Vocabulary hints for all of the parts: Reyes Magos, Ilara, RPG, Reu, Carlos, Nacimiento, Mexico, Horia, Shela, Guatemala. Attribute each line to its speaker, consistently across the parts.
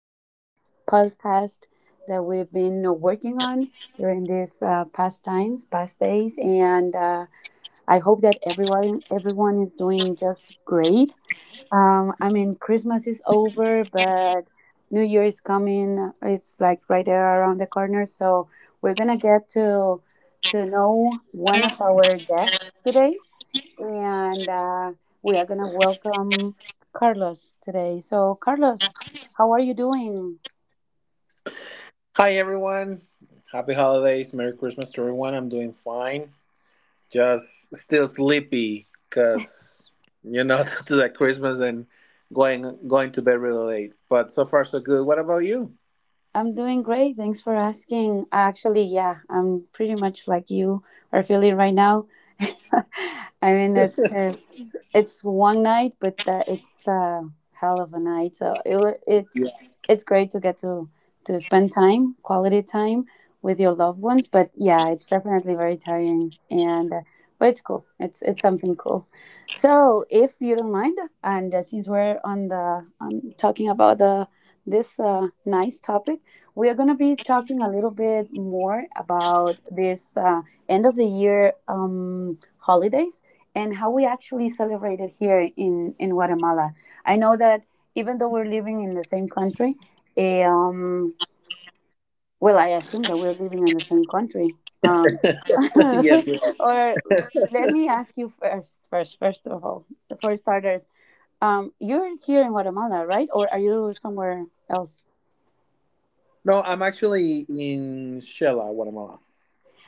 Speaker 1: this podcast that we've been working on during these past days. And I hope that everyone is doing just great. I mean, Christmas is over, but New Year is coming. It's like right there around the corner. So we're gonna get to know one of our guests today, and we are going to welcome Carlos today. So, Carlos, how are you doing?
Speaker 2: Hi everyone. Happy holidays. Merry Christmas to everyone. I'm doing fine. Just still sleepy cuz you know to that Christmas and going to bed really late. But so far so good. What about you?
Speaker 1: I'm doing great. Thanks for asking. Actually, yeah, I'm pretty much like you are feeling right now. I mean, it's one night, but it's a hell of a night. So
Speaker 2: Yeah.
Speaker 1: it's great to get to spend time, quality time with your loved ones. But yeah, it's definitely very tiring, and but it's cool. It's something cool. So if you don't mind, and since we're on talking about the this nice topic, we are going to be talking a little bit more about this end of the year holidays and how we actually celebrate it here in Guatemala. I know that even though we're living in the same country, eh, um, well, I assume that we're living in the same country. Um,
Speaker 2: Yes, we are.
Speaker 1: or let me ask you first of all, for starters, you're here in Guatemala, right? Or are you somewhere else?
Speaker 2: No, I'm actually in Shela, Guatemala.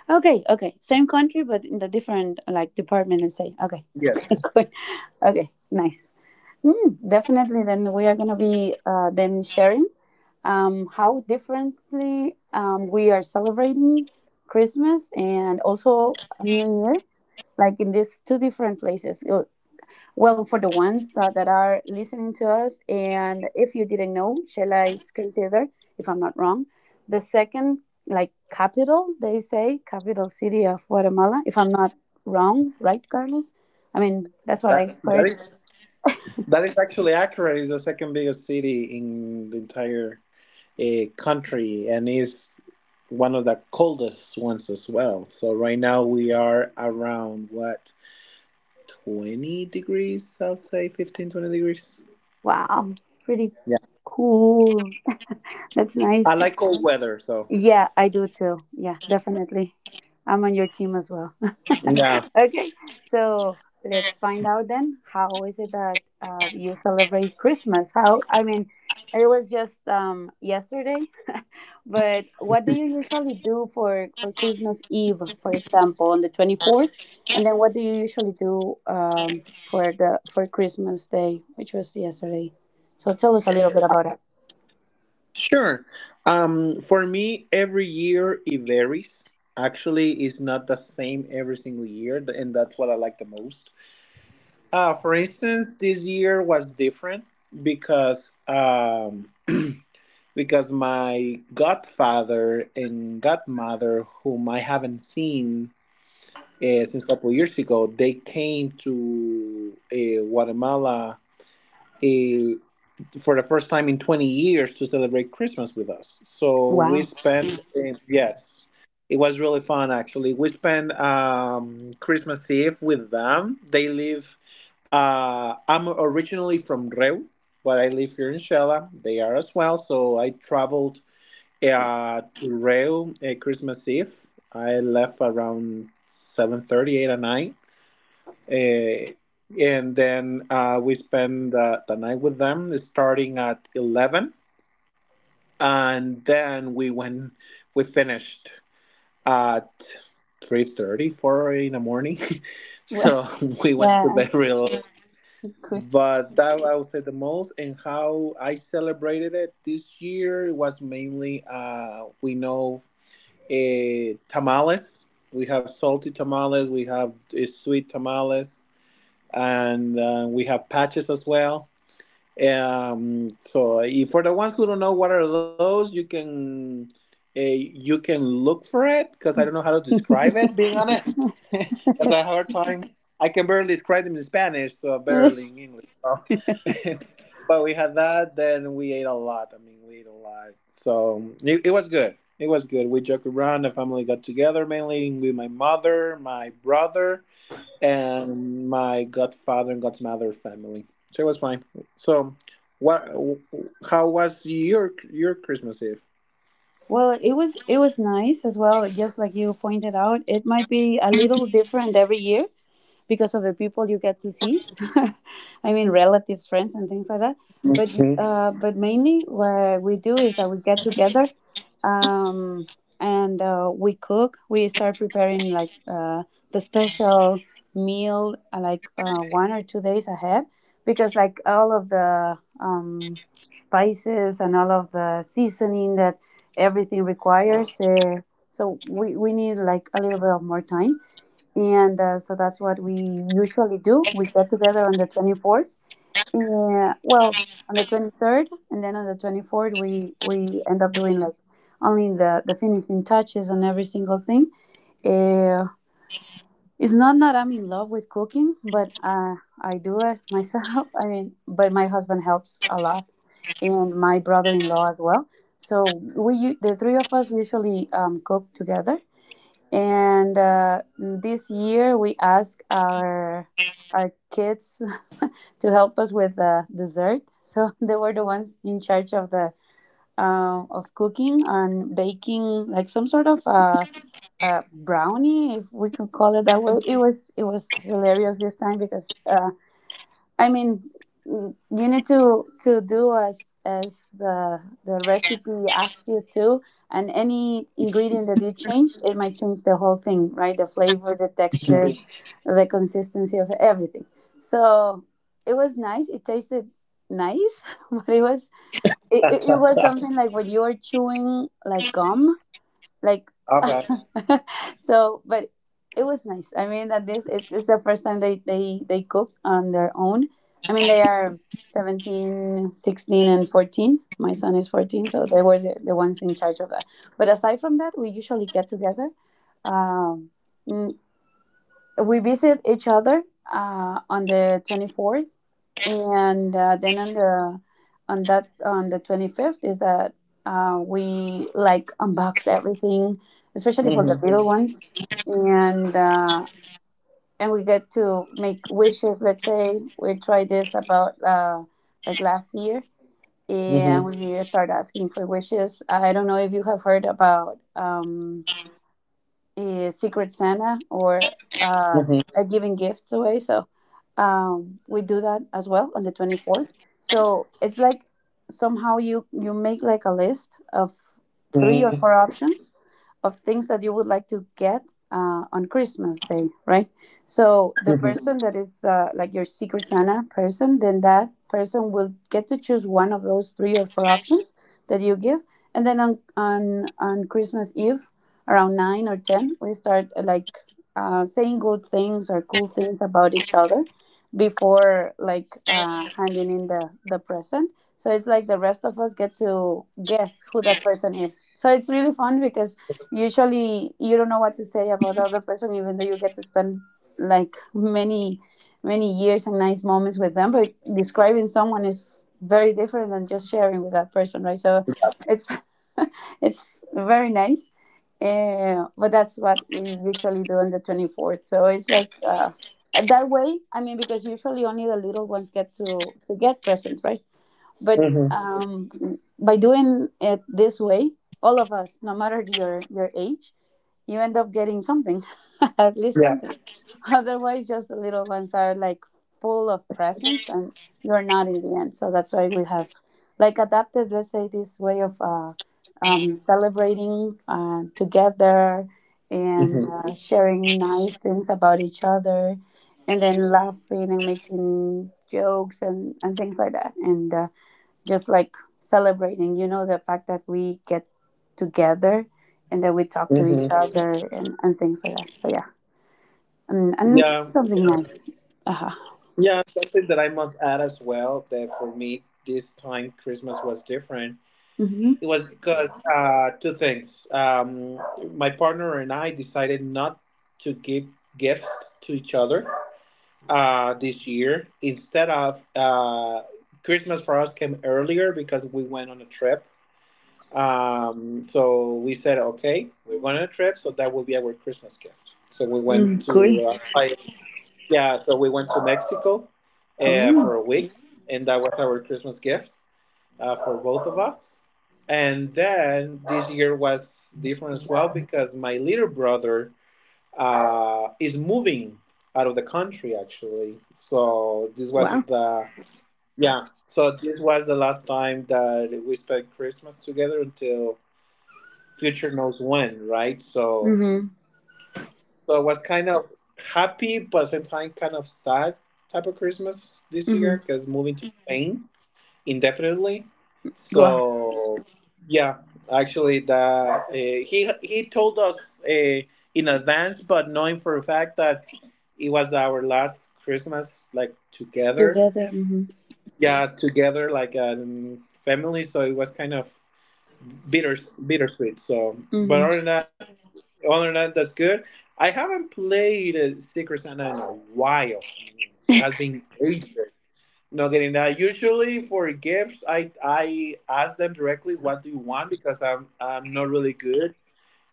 Speaker 1: Okay, okay. Same country, but in the different, like, department and say, okay.
Speaker 2: Yes.
Speaker 1: Good. Okay, nice. Mm, definitely. Then we are gonna be then sharing how differently we are celebrating Christmas and also New Year, like in these two different places. Well, for the ones that are listening to us, and if you didn't know, Shela is considered, if I'm not wrong, the second, like, capital, they say, capital city of Guatemala. If I'm not wrong, right, Carlos? I mean, that's what
Speaker 2: That
Speaker 1: I
Speaker 2: that
Speaker 1: heard.
Speaker 2: is that is actually accurate. It's the second biggest city in the entire a country and is one of the coldest ones as well. So right now we are around what 20 degrees, I'll say 15, 20 degrees.
Speaker 1: Wow, pretty
Speaker 2: Yeah.
Speaker 1: cool. That's nice.
Speaker 2: I like cold weather, so
Speaker 1: Yeah, I do too. Yeah, definitely. I'm on your team as well.
Speaker 2: yeah.
Speaker 1: Okay, so let's find out then. How is it that you celebrate Christmas? How, I mean, it was just yesterday, but what do you usually do for Christmas Eve, for example, on the 24th? And then what do you usually do for Christmas Day, which was yesterday? So tell us a little bit about that.
Speaker 2: Sure. For me every year it varies. Actually, it's not the same every single year, and that's what I like the most. For instance, this year was different because because my godfather and godmother, whom I haven't seen since a couple years ago, they came to Guatemala uh, for the first time in 20 years to celebrate Christmas with us. So we
Speaker 1: Wow.
Speaker 2: spent, yes, it was really fun actually. We spent Christmas Eve with them. I'm originally from Reu, but I live here in Shela. They are as well. So I traveled to Reu Christmas Eve. I left around 7:30, eight 8 at night, uh, and then we spent the night with them starting at 11. And then we finished at 3:30, 4 in the morning. So we went to
Speaker 1: Yeah,
Speaker 2: bed real. But that I would say the most, and how I celebrated it this year it was mainly we know tamales. We have salty tamales, we have sweet tamales, and we have patches as well. So if for the ones who don't know what are those, you can you can look for it because I don't know how to describe
Speaker 1: good.
Speaker 2: it. Being honest, because I have a hard time. I can barely describe them in Spanish, so barely in English. So. But we had that. Then we ate a lot. I mean, we ate a lot. So it was good. It was good. We joked around. The family got together mainly with my mother, my brother and my godfather and godmother family. So it was fine. So, what? How was your Christmas Eve?
Speaker 1: Well, it was nice as well. Just like you pointed out, it might be a little different every year because of the people you get to see. I mean, relatives, friends, and things like that. But
Speaker 2: Mhm.
Speaker 1: but mainly what we do is that we get together, um, and we cook. We start preparing, like, the special meal, like, 1 or 2 days ahead, because like all of the spices and all of the seasoning that everything requires. So we need like a little bit of more time, and so that's what we usually do. We get together on the 24th. Yeah, well, on the 23rd, and then on the 24th, we end up doing like only the finishing touches on every single thing. Uh, it's not that I'm in love with cooking, but I do it myself. I mean, but my husband helps a lot, and my brother-in-law as well. So the three of us usually cook together, and this year we asked our kids to help us with the dessert. So they were the ones in charge of the of cooking and baking, like some sort of brownie, if we could call it that way. It was hilarious this time, because I mean, you need to do as the recipe asks you to, and any ingredient that you change, it might change the whole thing, right? The flavor, the texture, mhm, the consistency of everything. So it was nice. It tasted nice, but it was something like when you are chewing like gum like
Speaker 2: Okay.
Speaker 1: so but it was nice. I mean, it's the first time they cooked on their own. I mean, they are 17, 16, and 14. My son is 14, so they were the ones in charge of that. But aside from that, we usually get together. um, we visit each other on the 24th, and then on the 25th is that we, like, unbox everything, especially for the
Speaker 2: Mhm.
Speaker 1: little ones, and we get to make wishes. Let's say we tried this about like last year, and
Speaker 2: Mhm.
Speaker 1: we start asking for wishes. I don't know if you have heard about is Secret Santa or uh,
Speaker 2: Mhm.
Speaker 1: a giving gifts away. So we do that as well on the 24th. So it's like, somehow, you make like a list of three or
Speaker 2: Mhm.
Speaker 1: four options of things that you would like to get on Christmas Day, right? So the
Speaker 2: Mhm.
Speaker 1: person that is like your Secret Santa person, then that person will get to choose one of those three or four options that you give, and then on Christmas Eve, around 9 or 10, we start like saying good things or cool things about each other before like handing in the present. So it's like the rest of us get to guess who that person is. So it's really fun because usually you don't know what to say about the other person, even though you get to spend like many, many years and nice moments with them, but describing someone is very different than just sharing with that person, right? So it's it's very nice. But that's what we usually do on the 24th, so it's like that way, I mean, because usually only the little ones get to get presents, right? But
Speaker 2: Mhm.
Speaker 1: um, by doing it this way, all of us, no matter your age, you end up getting something at least
Speaker 2: Yeah.
Speaker 1: something. Otherwise, just the little ones are like full of presents, and you're not in the end. So that's why we have like adapted, let's say, this way of celebrating together, and
Speaker 2: Mhm.
Speaker 1: sharing nice things about each other, and then laughing and making jokes, and things like that, and just like celebrating, the fact that we get together and that we talk to
Speaker 2: Mhm.
Speaker 1: each other, and things like that. So yeah, and
Speaker 2: Yeah.
Speaker 1: something nice. Uh-huh.
Speaker 2: Yeah. Something that I must add as well that for me this time Christmas was different.
Speaker 1: Mm-hmm.
Speaker 2: It was because two things. My partner and I decided not to give gifts to each other this year. Instead of Christmas, for us came earlier because we went on a trip. So we said, okay, we're going on a trip, so that will be our Christmas gift. So we went
Speaker 1: Mm, cool.
Speaker 2: to uh, I- yeah, so we went to Mexico
Speaker 1: Yeah.
Speaker 2: for a week, and that was our Christmas gift for both of us. And then this year was different as well because my little brother is moving out of the country actually. So this was
Speaker 1: Wow.
Speaker 2: the Yeah. So this was the last time that we spent Christmas together until future knows when, right? So
Speaker 1: Mm-hmm.
Speaker 2: so it was kind of happy, but at the same time kind of sad type of Christmas this year
Speaker 1: Mm-hmm.
Speaker 2: because moving to Spain indefinitely.
Speaker 1: Wow.
Speaker 2: So yeah, actually, the he told us in advance, but knowing for a fact that it was our last Christmas like together.
Speaker 1: Together. Mm-hmm.
Speaker 2: Yeah, together like a family. So it was kind of bitter bittersweet. So, but
Speaker 1: Mm-hmm.
Speaker 2: other than that, that's good. I haven't played Secret Santa in a while. It has been ages. Not getting that. Usually for gifts, I ask them directly, "What do you want?" Because I'm not really good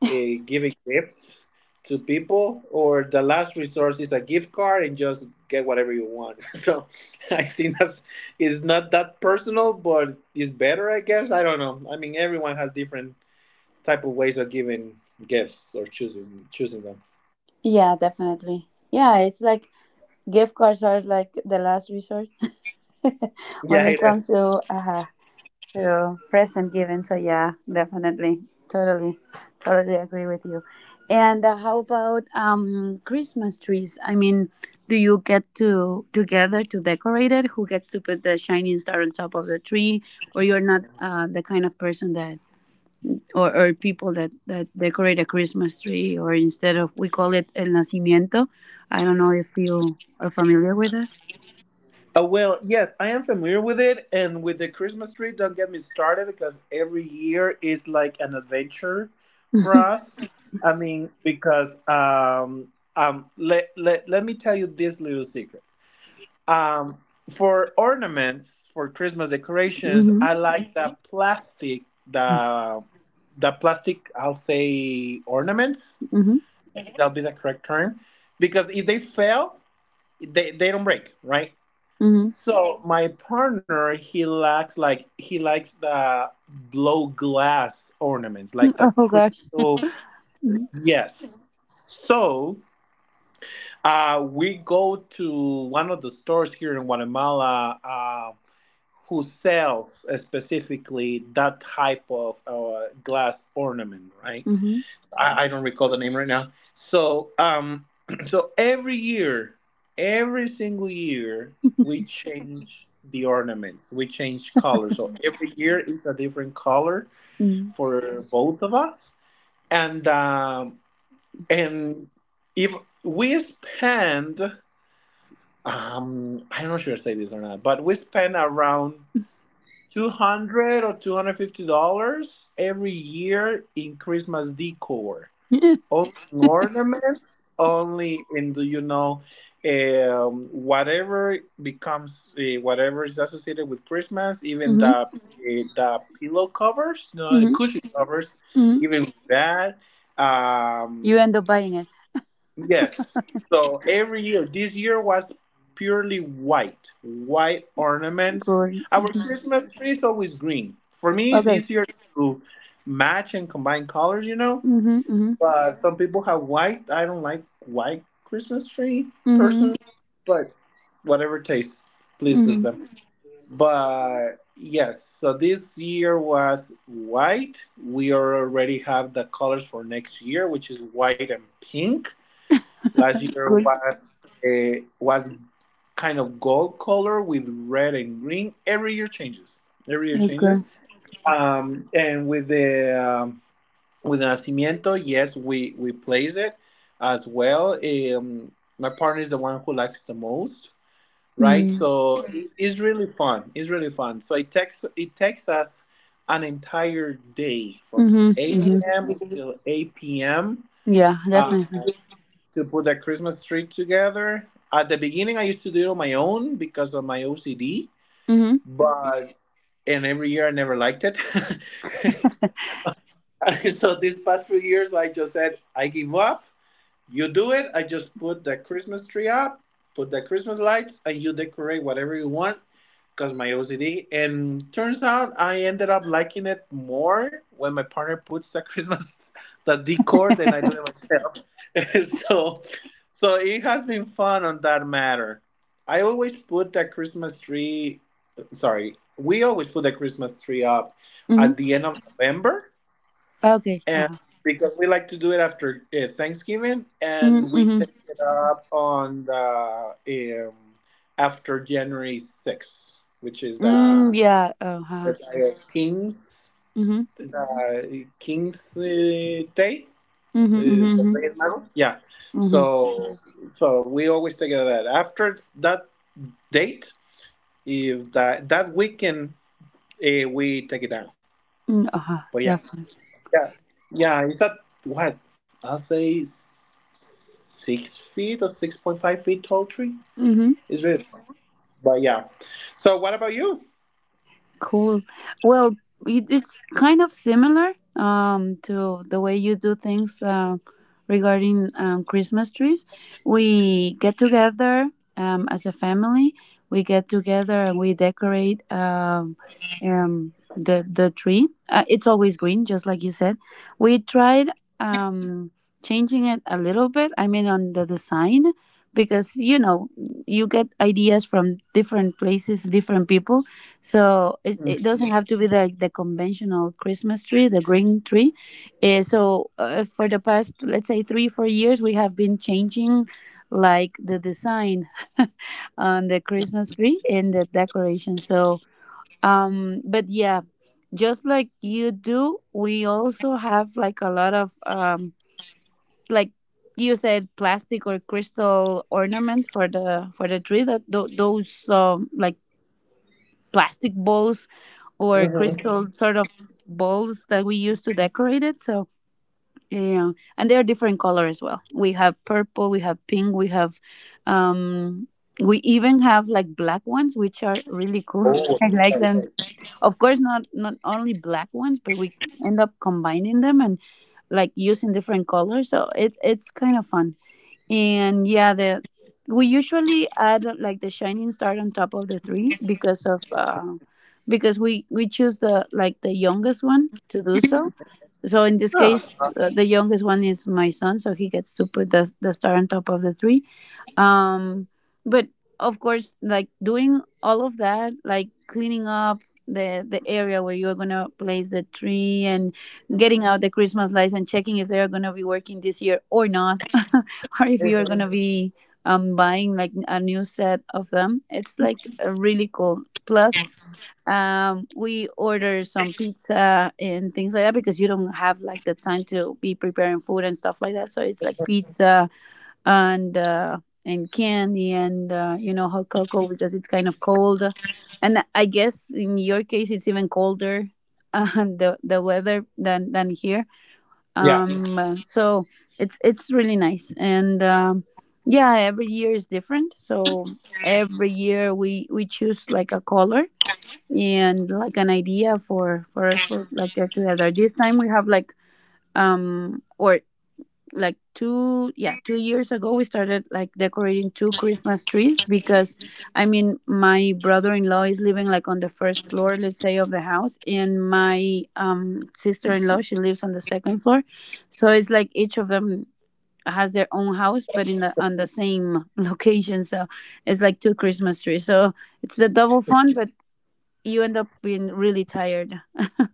Speaker 2: uh, giving gifts to people, or the last resource is a gift card and just get whatever you want. So I think that's it's not that personal, but it's better, I guess. I don't know. I mean, everyone has different type of ways of giving gifts or choosing them.
Speaker 1: Yeah, definitely. Yeah, it's like gift cards are like the last resort
Speaker 2: Yeah, it
Speaker 1: when it
Speaker 2: is.
Speaker 1: comes to aha. So, present given. So yeah, definitely, totally, totally agree with you. And how about Christmas trees? I mean, do you get to together to decorate it? Who gets to put the shining star on top of the tree? Or you're not the kind of person that, or people that decorate a Christmas tree, or instead of, we call it el nacimiento. I don't know if you are familiar with that.
Speaker 2: Oh, well, yes, I am familiar with it. And with the Christmas tree, don't get me started because every year is like an adventure for us. I mean, because let me tell you this little secret. Um, for ornaments, for Christmas decorations,
Speaker 1: Mhm.
Speaker 2: I like the plastic, the plastic, I'll say ornaments.
Speaker 1: Mhm.
Speaker 2: I think that'll be the correct term. Because if they fail, they don't break, right?
Speaker 1: Mhm. Mhm.
Speaker 2: So my partner, he likes the blow glass ornaments, like the
Speaker 1: Oh gosh.
Speaker 2: crystal.
Speaker 1: Mhm.
Speaker 2: Yes. So we go to one of the stores here in Guatemala who sells specifically that type of glass ornament, right? I don't recall the name right now. So so every year, every single year, we change the ornaments. We change colors. So every year is a different color
Speaker 1: Mhm.
Speaker 2: for both of us. And um, and if we spend, I'm not sure I say this or not, but we spend around 200 or $250 every year in Christmas decor,
Speaker 1: Yeah.
Speaker 2: only ornaments, only in the um, whatever whatever is associated with Christmas, even the
Speaker 1: Hmm,
Speaker 2: uh, the pillow covers, the
Speaker 1: hmm,
Speaker 2: cushion covers,
Speaker 1: hmm.
Speaker 2: even that.
Speaker 1: You
Speaker 2: Um,
Speaker 1: end up buying it.
Speaker 2: yes. So every year, this year was purely white, white ornaments.
Speaker 1: Cool.
Speaker 2: Our
Speaker 1: Hmm.
Speaker 2: Christmas tree is always green. For me, it's
Speaker 1: Okay.
Speaker 2: easier to match and combine colors,
Speaker 1: Hmm, hmm,
Speaker 2: but some people have white. I don't like white Christmas tree
Speaker 1: hmm,
Speaker 2: personally, but whatever taste pleases
Speaker 1: hmm.
Speaker 2: them. But yes, so this year was white. We already have the colors for next year, which is white and pink. Last year
Speaker 1: Cool.
Speaker 2: was kind of gold color with red and green. Every year changes. Every year
Speaker 1: Okay.
Speaker 2: changes. And with Nacimiento, yes, we place it as well. Um, my partner is the one who likes the most, right?
Speaker 1: Mm-hmm.
Speaker 2: So it's really fun. It's really fun. So it takes us an entire day from
Speaker 1: Hmm.
Speaker 2: 8 a.m. Till 8 p.m.
Speaker 1: Yeah,
Speaker 2: Uh,
Speaker 1: definitely.
Speaker 2: to put the Christmas tree together. At the beginning, I used to do it on my own because of my OCD,
Speaker 1: Hmm,
Speaker 2: but and every year I never liked it. So these past few years, I just said, I give up. You do it. I just put the Christmas tree up, put the Christmas lights, and you decorate whatever you want. Cause my OCD, and turns out I ended up liking it more when my partner puts the Christmas the decor than I do it myself. So, it has been fun on that matter. I always put the Christmas tree. Sorry, we always put the Christmas tree up
Speaker 1: hmm.
Speaker 2: at the end of November
Speaker 1: Okay.
Speaker 2: and
Speaker 1: Uh-huh.
Speaker 2: because we like to do it after Thanksgiving,
Speaker 1: Hmm,
Speaker 2: and we
Speaker 1: hmm.
Speaker 2: take it up on the after January 6th, which is
Speaker 1: Mm, yeah. Uh-huh.
Speaker 2: the King's
Speaker 1: Hmm,
Speaker 2: the King's Day,
Speaker 1: hmm,
Speaker 2: the
Speaker 1: hmm,
Speaker 2: Reyes Magos. Yeah,
Speaker 1: hmm,
Speaker 2: so we always take it that after that date, if that weekend we take it down.
Speaker 1: hmm. Uh-huh.
Speaker 2: But yeah.
Speaker 1: Definitely.
Speaker 2: Yeah, yeah. Is that what I'll say? 6 feet or 6.5 feet tall tree
Speaker 1: Mm-hmm.
Speaker 2: is it? But yeah. So what about you?
Speaker 1: Cool. Well, it's kind of similar to the way you do things regarding Christmas trees. We get together as a family. We get together and we decorate, the tree. It's always green, just like you said. We tried um, changing it a little bit, I mean, on the design, because you get ideas from different places, different people, so it doesn't have to be like the conventional Christmas tree, the green tree. So for the past, let's say, 3, 4 years, we have been changing like the design on the Christmas tree and the decoration. So, but yeah, just like you do, we also have like a lot of like you said, plastic or crystal ornaments for the tree. Those like plastic balls or
Speaker 2: Mm-hmm.
Speaker 1: crystal sort of balls that we use to decorate it. So yeah, and they are different color as well. We have purple, we have pink, we have, um, we even have like black ones, which are really cool.
Speaker 2: Oh,
Speaker 1: I like them. Of course, not only black ones, but we end up combining them and like using different colors. So it's kind of fun. And yeah, the we usually add like the shining star on top of the three because of because we choose the like the youngest one to do so. So in this
Speaker 2: yeah.
Speaker 1: case, the youngest one is my son, so he gets to put the star on top of the three, um but of course, like doing all of that, like cleaning up the area where you're gonna place the tree and getting out the Christmas lights and checking if they're gonna be working this year or not or if you're gonna be buying like a new set of them. It's like really cool, plus we order some pizza and things like that because you don't have like the time to be preparing food and stuff like that. So it's like pizza and candy and hot cocoa because it's kind of cold, and I guess in your case it's even colder the weather than here.
Speaker 2: Yeah.
Speaker 1: So it's really nice, and yeah, every year is different. So every year we choose like a color and like an idea for us, like get together. This time we have like or like two, yeah, 2 years ago we started like decorating two Christmas trees because I mean my brother-in-law is living like on the first floor, let's say, of the house, and my sister-in-law, she lives on the second floor. So it's like each of them has their own house, but in the on the same location. So it's like two Christmas trees, so it's the double fun, but you end up being really tired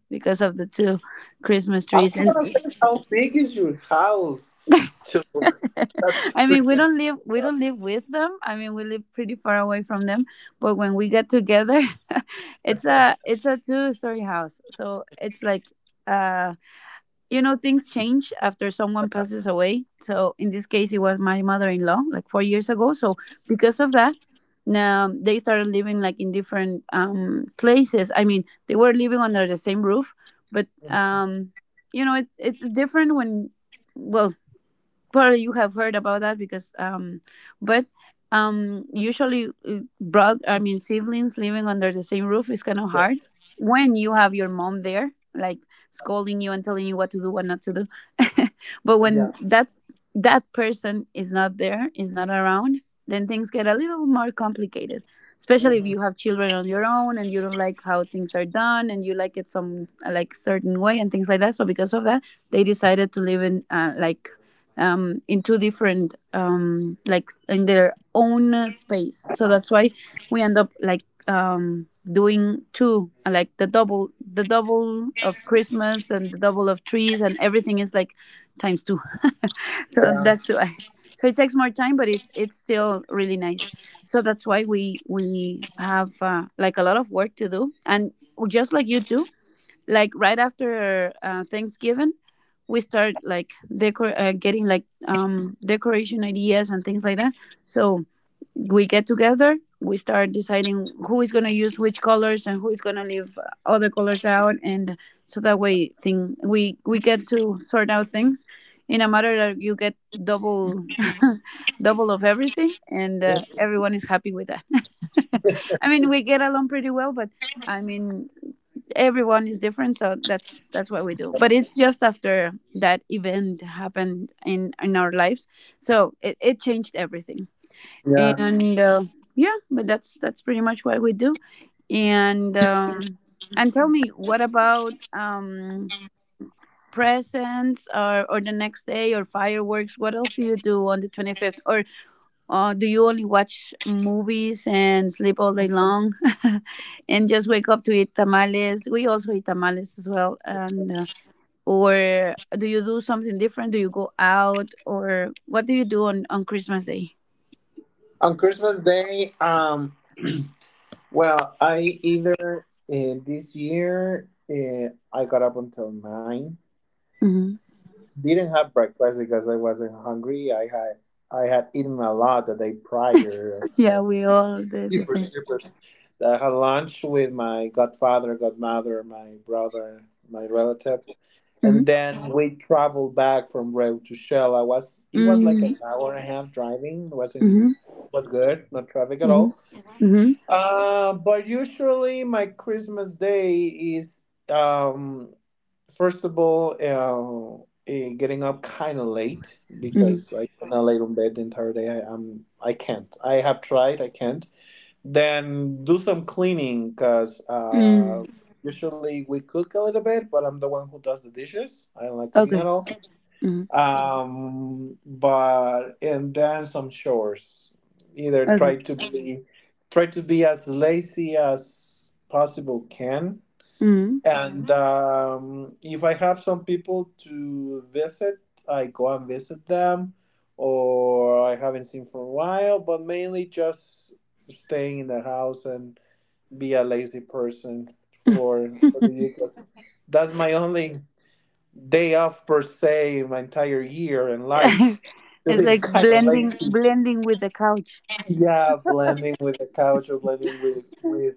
Speaker 1: because of the two Christmas
Speaker 2: I was
Speaker 1: trees and
Speaker 2: gonna say, how big is your house to that's your
Speaker 1: I mean, we
Speaker 2: Christmas?
Speaker 1: don't live we don't live with them. I mean, we live pretty far away from them, but when we get together, it's a two-story house. So it's like uh things change after someone passes away. So in this case, it was my mother-in-law like 4 years ago. So because of that, now they started living like in different places. I mean, they were living under the same roof, but
Speaker 2: Mhm.
Speaker 1: you know, it's it's different when, well, probably you have heard about that because but usually broth I mean siblings living under the same roof is kind of
Speaker 2: Yeah,
Speaker 1: hard when you have your mom there like scolding you and telling you what to do, what not to do, but
Speaker 2: yeah,
Speaker 1: when that person is not there, is not around, then things get a little more complicated, especially if
Speaker 2: hmm,
Speaker 1: you have children on your own and you don't like how things are done and you like it some, like, certain way and things like that. So because of that, they decided to live in like in two different like in their own space. So that's why we end up like doing two, like, the double of Christmas and the double of trees, and everything is like times two. So
Speaker 2: yeah,
Speaker 1: that's why. So it takes more time, but it's still really nice. So that's why we have like a lot of work to do, and just like you do, like right after Thanksgiving, we start like decor getting like decoration ideas and things like that. So we get together, we start deciding who is going to use which colors and who is going to leave other colors out, and so that way, thing we get to sort out things in a matter that you get double double of everything, and
Speaker 2: Mhm.
Speaker 1: everyone is happy with that. I mean, we get along pretty well, but I mean, everyone is different. So that's what we do, but it's just after that event happened in our lives, so it changed everything,
Speaker 2: yeah.
Speaker 1: and yeah. But that's pretty much what we do. And um and tell me, what about presents, or the next day, or fireworks? What else do you do on the 25th, or do you only watch movies and sleep all day long and just wake up to eat tamales? We also eat tamales as well. And uh, or do you do something different? Do you go out? Or what do you do on Christmas Day?
Speaker 2: On Christmas Day, well, I either this year I got up until 9. Didn't have breakfast because I wasn't hungry. I had eaten a lot the day prior,
Speaker 1: Yeah,
Speaker 2: like
Speaker 1: we all did the
Speaker 2: super
Speaker 1: same.
Speaker 2: super. I had lunch with my godfather, godmother, my brother, my relatives, and
Speaker 1: Mm-hmm.
Speaker 2: then we traveled back from Reu to Shell. I was it was like
Speaker 1: Mm-hmm.
Speaker 2: an hour and a half driving. It was good, no traffic at
Speaker 1: Mm-hmm.
Speaker 2: all,
Speaker 1: Mm-hmm.
Speaker 2: but usually my Christmas day is um first of all, getting up kind of late
Speaker 1: Mm-hmm.
Speaker 2: because I kinda lay on bed the entire day. I, I'm I can't. I have tried. I can't. Then do some cleaning because
Speaker 1: Mm.
Speaker 2: usually we cook a little bit, but I'm the one who does the dishes. I don't like cooking at
Speaker 1: Okay.
Speaker 2: all,
Speaker 1: Mm-hmm.
Speaker 2: but and then some chores either
Speaker 1: Okay.
Speaker 2: try to be as lazy as possible can
Speaker 1: Mm-hmm.
Speaker 2: and If I have some people to visit, I go and visit them, or I haven't seen for a while, but mainly just staying in the house and be a lazy person for the year 'cause that's my only day off per se my entire year and life so
Speaker 1: It's
Speaker 2: it's
Speaker 1: like
Speaker 2: kind of
Speaker 1: blending,
Speaker 2: lazy.
Speaker 1: blending with the couch.
Speaker 2: Yeah, blending with the couch or blending with with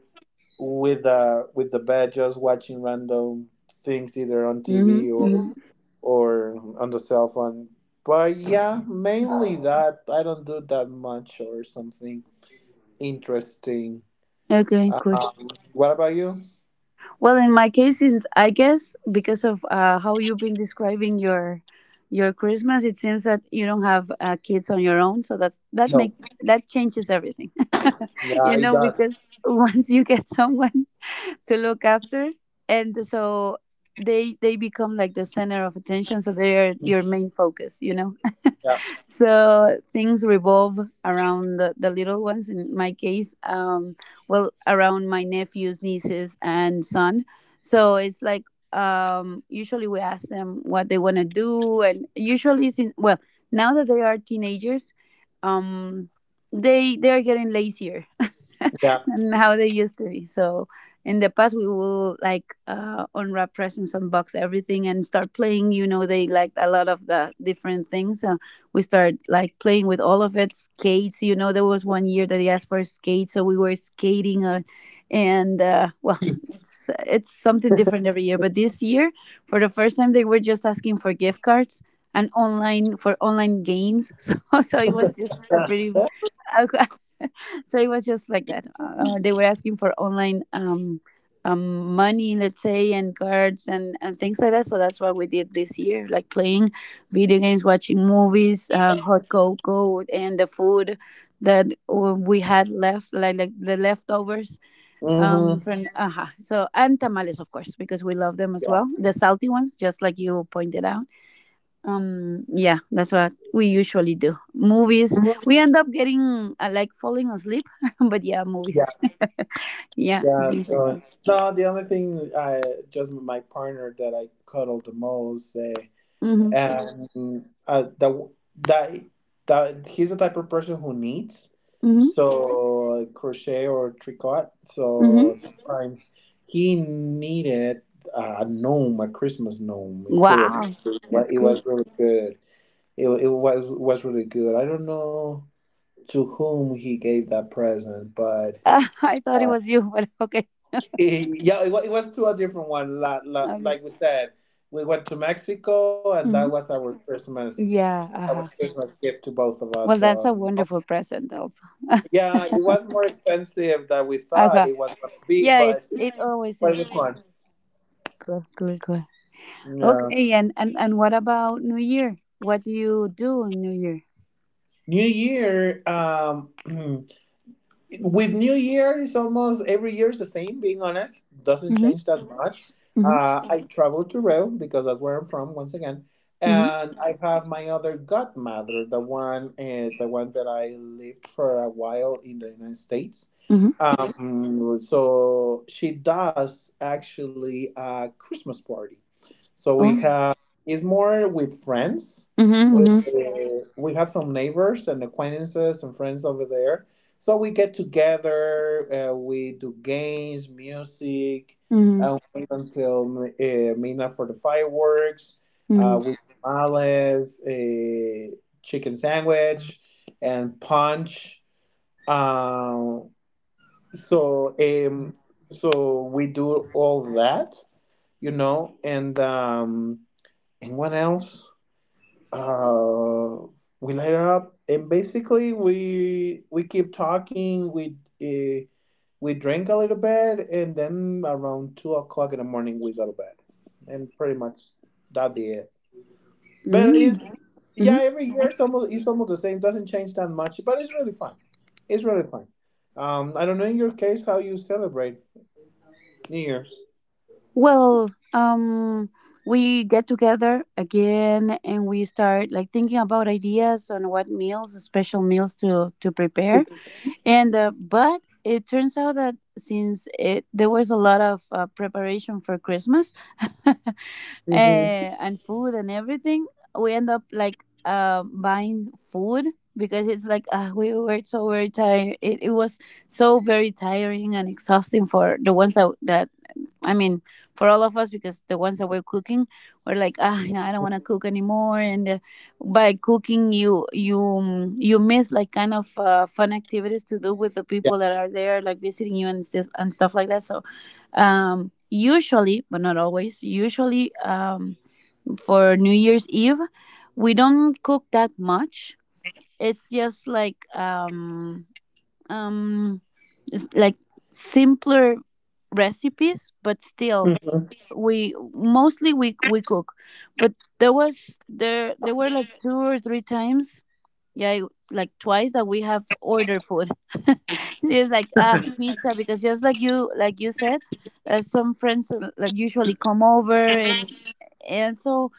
Speaker 2: with uh with the bed, just watching random things either on
Speaker 1: Mm-hmm.
Speaker 2: TV or
Speaker 1: Hmm.
Speaker 2: Mhm. or on the cell phone. But yeah, mainly that. I don't do that much or something interesting.
Speaker 1: Okay, cool.
Speaker 2: What about you?
Speaker 1: Well, in my case, since I guess because of how you've been describing your Christmas, it seems that you don't have kids on your own, so that's that
Speaker 2: No.
Speaker 1: make that changes everything.
Speaker 2: Yeah,
Speaker 1: you
Speaker 2: it
Speaker 1: know,
Speaker 2: does.
Speaker 1: because once you get someone to look after, and so they become like the center of attention, so they are your main focus,
Speaker 2: Yeah.
Speaker 1: so things revolve around the little ones. In my case, well, around my nephews, nieces, and son. So it's like usually we ask them what they want to do, and usually well, now that they are teenagers, um they're getting lazier
Speaker 2: Yeah.
Speaker 1: than how they used to be. So in the past, we will like unwrap presents, unbox everything, and start playing. They liked a lot of the different things. We start like playing with all of it, skates, there was one year that he asked for skates, so we were skating, and well, it's something different every year. But this year, for the first time, they were just asking for gift cards and online games, so it was just a pretty so it was just like that. They were asking for online money, let's say, and cards, and things like that. So that's what we did this year, like playing video games, watching movies, hot cocoa, and the food that we had left, like the leftovers.
Speaker 2: Hmm.
Speaker 1: From So and tamales, of course, because we love them as
Speaker 2: Yeah.
Speaker 1: well. The salty ones, just like you pointed out. Yeah, that's what we usually do. Movies. We end up getting like falling asleep, but yeah, movies. Yeah,
Speaker 2: Yeah,
Speaker 1: things like that.
Speaker 2: so, no, the only thing I just my partner that I cuddle the most,
Speaker 1: Mhm.
Speaker 2: and that that that he's the type of person who needs
Speaker 1: Mhm.
Speaker 2: so like, crochet or tricot.
Speaker 1: Mhm.
Speaker 2: So sometimes he needed a gnome, a Christmas gnome, a full of
Speaker 1: Wow,
Speaker 2: well,
Speaker 1: that's
Speaker 2: it
Speaker 1: cool.
Speaker 2: was really good. It was really good. I don't know to whom he gave that present, but.
Speaker 1: I thought it was you, but okay.
Speaker 2: Yeah, it was to a different one. La, la,
Speaker 1: Okay.
Speaker 2: like we said, we went to Mexico, and that
Speaker 1: Hmm.
Speaker 2: was our Christmas.
Speaker 1: Yeah.
Speaker 2: That
Speaker 1: Uh
Speaker 2: was
Speaker 1: huh.
Speaker 2: Christmas gift to both of us.
Speaker 1: Well, that's a
Speaker 2: Um,
Speaker 1: wonderful present, also.
Speaker 2: yeah, it was more expensive than we
Speaker 1: Uh
Speaker 2: thought
Speaker 1: huh.
Speaker 2: it was going to be,
Speaker 1: Yeah, it's
Speaker 2: but
Speaker 1: it always
Speaker 2: it
Speaker 1: is.
Speaker 2: was
Speaker 1: Ah,
Speaker 2: fun.
Speaker 1: cool, cool, cool.
Speaker 2: Yeah.
Speaker 1: Okay, and what about New Year? What do you do on New Year?
Speaker 2: New Year. With New Year it's almost every year is the same. Being honest, doesn't
Speaker 1: Mm-hmm.
Speaker 2: change that Mhm. much.
Speaker 1: Mm-hmm.
Speaker 2: I Mhm. travel to Rio because that's where I'm from once again,
Speaker 1: Mm-hmm.
Speaker 2: and I have my other godmother, the one that I lived for a while in the United States.
Speaker 1: Mm-hmm.
Speaker 2: Mhm. So she does actually a Christmas party. So we
Speaker 1: Oh.
Speaker 2: have it's more with friends.
Speaker 1: Mhm,
Speaker 2: With,
Speaker 1: mhm,
Speaker 2: we have some neighbors and acquaintances and friends over there, so we get together, we do games, music,
Speaker 1: mhm,
Speaker 2: and wait until midnight for the fireworks.
Speaker 1: mhm,
Speaker 2: We tamales, a chicken sandwich, and punch. Um, so um, so we do all that, you know, and um, and what else? Uh, we light up, and basically we keep talking. Uh, we drank a little bit, and then around 2 o'clock in the morning we go to bed, and pretty much that be it. But it's
Speaker 1: mm,
Speaker 2: yeah,
Speaker 1: mhm.
Speaker 2: every year it's almost the same. Doesn't change that much, but it's really fun. It's really fun. I don't know in your case how you celebrate New Year's.
Speaker 1: Well, we get together again, and we start like thinking about ideas on what meals, special meals to prepare. And but it turns out that since it there was a lot of preparation for Christmas,
Speaker 2: Hmm.
Speaker 1: and food and everything, we end up like buying food because it's like, we were so very tired. It was so very tiring and exhausting for the ones that I mean, for all of us, because the ones that were cooking were like, ah, you know, I don't want to cook anymore. And by cooking, you miss like kind of fun activities to do with the
Speaker 2: Yeah.
Speaker 1: people that are there, like visiting you and stuff like that. So, usually, but not always, usually for New Year's Eve, we don't cook that much. It's just like um um it's like simpler recipes, but still
Speaker 2: Hmm.
Speaker 1: we mostly we cook. But there was there there were like two or three times, yeah, like twice that we have ordered food. It's like, pizza, because just like you said, some friends like usually come over, and so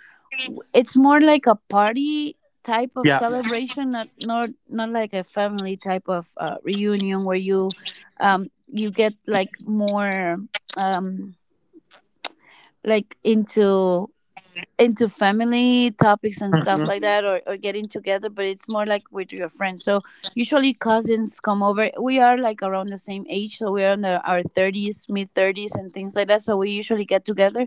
Speaker 1: it's more like a party type of, yeah,
Speaker 2: Yeah.
Speaker 1: celebration, not like a family type of reunion where you get like more, um like, into family topics and stuff
Speaker 2: Mhm.
Speaker 1: like that, or getting together, but it's more like with your friends. So usually cousins come over, we are like around the same age, so we're in our 30s, mid 30s, and things like that. So we usually get together.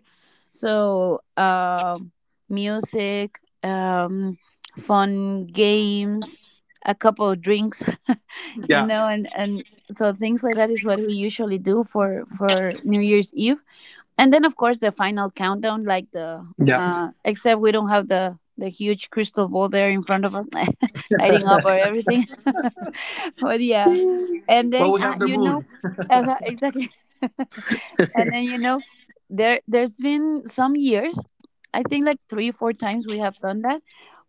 Speaker 1: So music, fun games, a couple of drinks
Speaker 2: Yeah.
Speaker 1: and so things like that is what we usually do for New Year's Eve. And then, of course, the final countdown, like, the
Speaker 2: Yeah.
Speaker 1: except we don't have the huge crystal ball there in front of us lighting up or everything but yeah. And then,
Speaker 2: Well, we have the moon.
Speaker 1: exactly and then, there's been some years, I think, like three four times we have done that,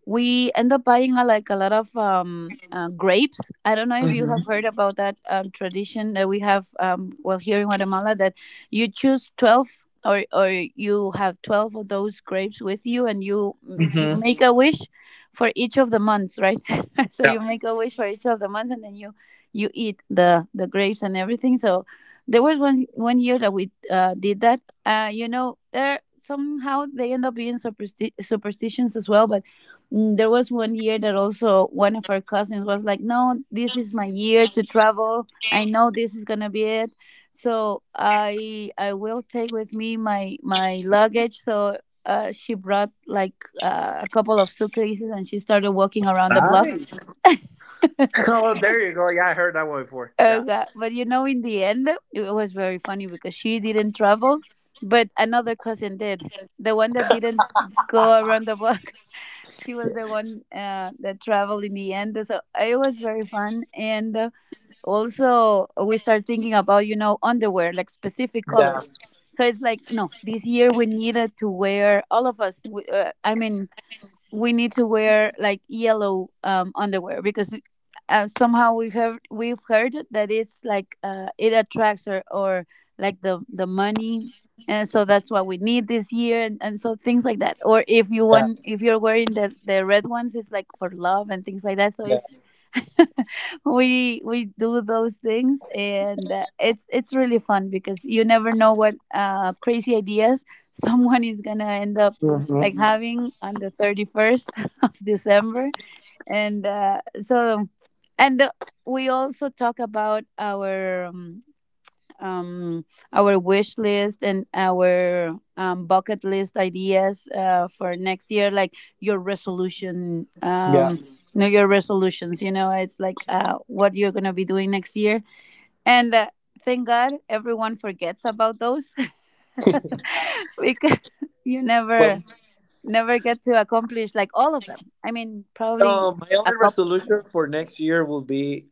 Speaker 1: we end up buying like a lot of grapes. I don't know if you have
Speaker 2: Hmm.
Speaker 1: heard about that tradition that we have, well, here in Guatemala, that you choose 12, or you have 12 of those grapes with you, and you
Speaker 2: Hmm.
Speaker 1: make a wish for each of the months, right? So you
Speaker 2: Yeah.
Speaker 1: make a wish for each of the months, and then you eat the grapes and everything. So there was one year that we did that. There somehow they end up being superstitions as well, but, there was one year that also one of our cousins was like, "No, this is my year to travel. I know this is gonna be it, so I will take with me my luggage." So she brought like a couple of suitcases, and she started walking around the block.
Speaker 2: Nice. Oh, there you go. Yeah, I heard that one before.
Speaker 1: Uh,
Speaker 2: Yeah.
Speaker 1: ga- but in the end, it was very funny because she didn't travel, but another cousin did. The one that didn't go around the block, she was the one that traveled in the end. So it was very fun. And also, we start thinking about, underwear, like specific colors. So it's like, no, this year we needed to wear, all of us, I mean, we need to wear, like, yellow underwear because somehow we've heard that it's like it attracts, or like the money, and so that's what we need this year, and so things like that, or
Speaker 2: Yeah.
Speaker 1: if you're wearing the red ones, it's like for love, and things like that. So
Speaker 2: Yeah.
Speaker 1: it's, we do those things, and it's really fun because you never know what crazy ideas someone is gonna end up
Speaker 2: Hmm.
Speaker 1: like having on the 31st of December. And so, and we also talk about um, our wish list and our bucket list ideas for next year, like your resolution.
Speaker 2: Yeah.
Speaker 1: Know your resolutions. It's like what you're gonna be doing next year. And thank God everyone forgets about those because you
Speaker 2: Well,
Speaker 1: never get to accomplish like all of them. I mean, probably
Speaker 2: my
Speaker 1: a
Speaker 2: only
Speaker 1: couple.
Speaker 2: resolution for next year will be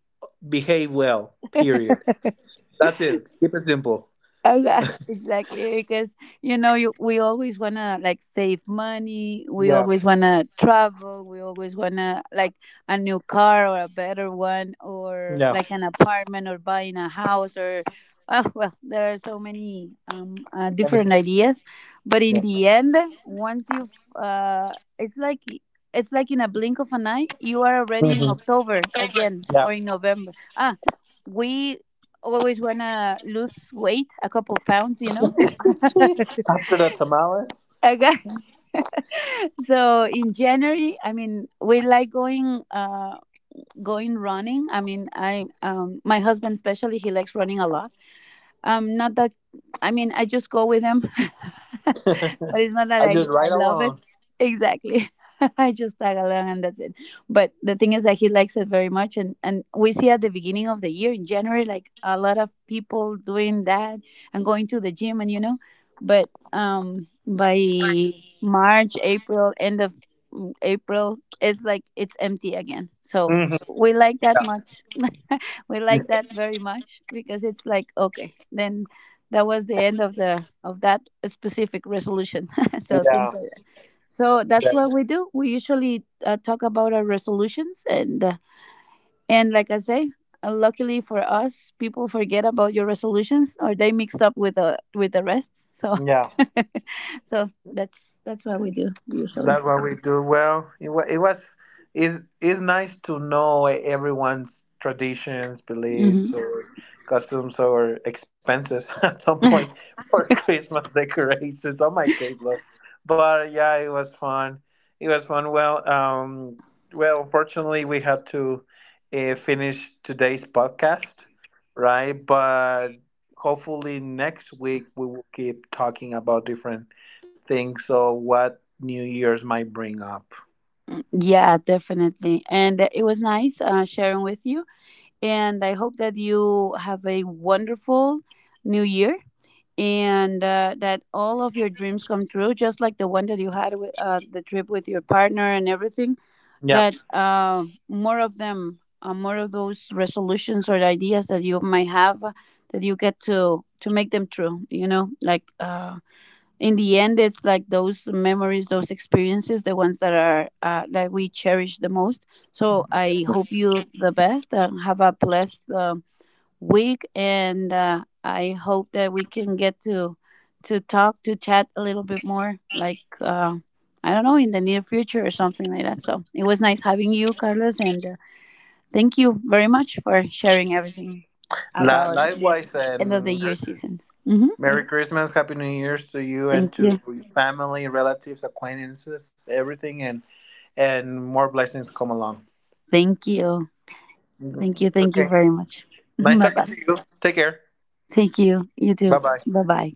Speaker 2: behave well. Period. That's it. Keep it simple.
Speaker 1: Oh, yeah, exactly. Because we always wanna, like, save money. We
Speaker 2: Yeah.
Speaker 1: always wanna travel. We always wanna, like, a new car, or a better one, or
Speaker 2: No.
Speaker 1: like an apartment, or buying a house, or, oh, well, there are so many different
Speaker 2: Anything.
Speaker 1: ideas. But in
Speaker 2: Yeah.
Speaker 1: the end, once you it's like, in a blink of an eye, you are already in
Speaker 2: Hmm.
Speaker 1: October again
Speaker 2: Yeah.
Speaker 1: or in November. We always want to lose weight, a couple pounds.
Speaker 2: After the tamales,
Speaker 1: Okay. So in January, I mean, we like going running. I mean, I my husband especially, he likes running a lot. Not that, I mean, I just go with him, but it's not that
Speaker 2: I
Speaker 1: I
Speaker 2: just
Speaker 1: I
Speaker 2: ride
Speaker 1: love it
Speaker 2: along.
Speaker 1: exactly. I just tag along, and that's it. But the thing is that he likes it very much, and we see at the beginning of the year in January like a lot of people doing that and going to the gym, and but by March, April, end of April, it's like it's empty again. So
Speaker 2: Hmm.
Speaker 1: we like that much. We like that very much because it's like, okay, then that was the end of the of that specific resolution so
Speaker 2: Yeah.
Speaker 1: things like that. So that's what
Speaker 2: Definitely.
Speaker 1: we do. We usually talk about our resolutions, and like I say, luckily for us, people forget about your resolutions, or they mix up with the rest. So
Speaker 2: Yeah.
Speaker 1: so that's what we do usually.
Speaker 2: That's what we do well. It was is it's nice to know everyone's traditions, beliefs,
Speaker 1: Hmm.
Speaker 2: or customs, or expenses at some point for Christmas decorations. On my case, though, but yeah, it was fun. It was fun. Well, well, unfortunately, we had to finish today's podcast, right? But hopefully, next week we will keep talking about different things. So what? New Year's might bring up.
Speaker 1: Yeah, definitely. And it was nice sharing with you. And I hope that you have a wonderful new year, and that all of your dreams come true, just like the one that you had with the trip with your partner and everything.
Speaker 2: Yep.
Speaker 1: That, more of them, more of those resolutions or ideas that you might have, that you get to make them true. Like, in the end, it's like those memories, those experiences, the ones that we cherish the most. So I hope you the best and have a blessed week. And I hope that we can get to talk, to chat a little bit more, like, I don't know, in the near future or something like that. So it was nice having you, Carlos, and thank you very much for sharing everything
Speaker 2: La-
Speaker 1: about this
Speaker 2: likewise,
Speaker 1: end of the
Speaker 2: and Merry
Speaker 1: year seasons. Hmm.
Speaker 2: Merry Christmas, Happy New Year's to you
Speaker 1: Thank
Speaker 2: and to
Speaker 1: you,
Speaker 2: your family, relatives, acquaintances, everything, and more blessings come along.
Speaker 1: thank you, thank
Speaker 2: Mhm.
Speaker 1: you, thank you
Speaker 2: Okay.
Speaker 1: very much.
Speaker 2: Nice
Speaker 1: Bye,
Speaker 2: talking
Speaker 1: bye.
Speaker 2: to you. Take care.
Speaker 1: Thank you. You too.
Speaker 2: Bye bye.
Speaker 1: Bye, bye.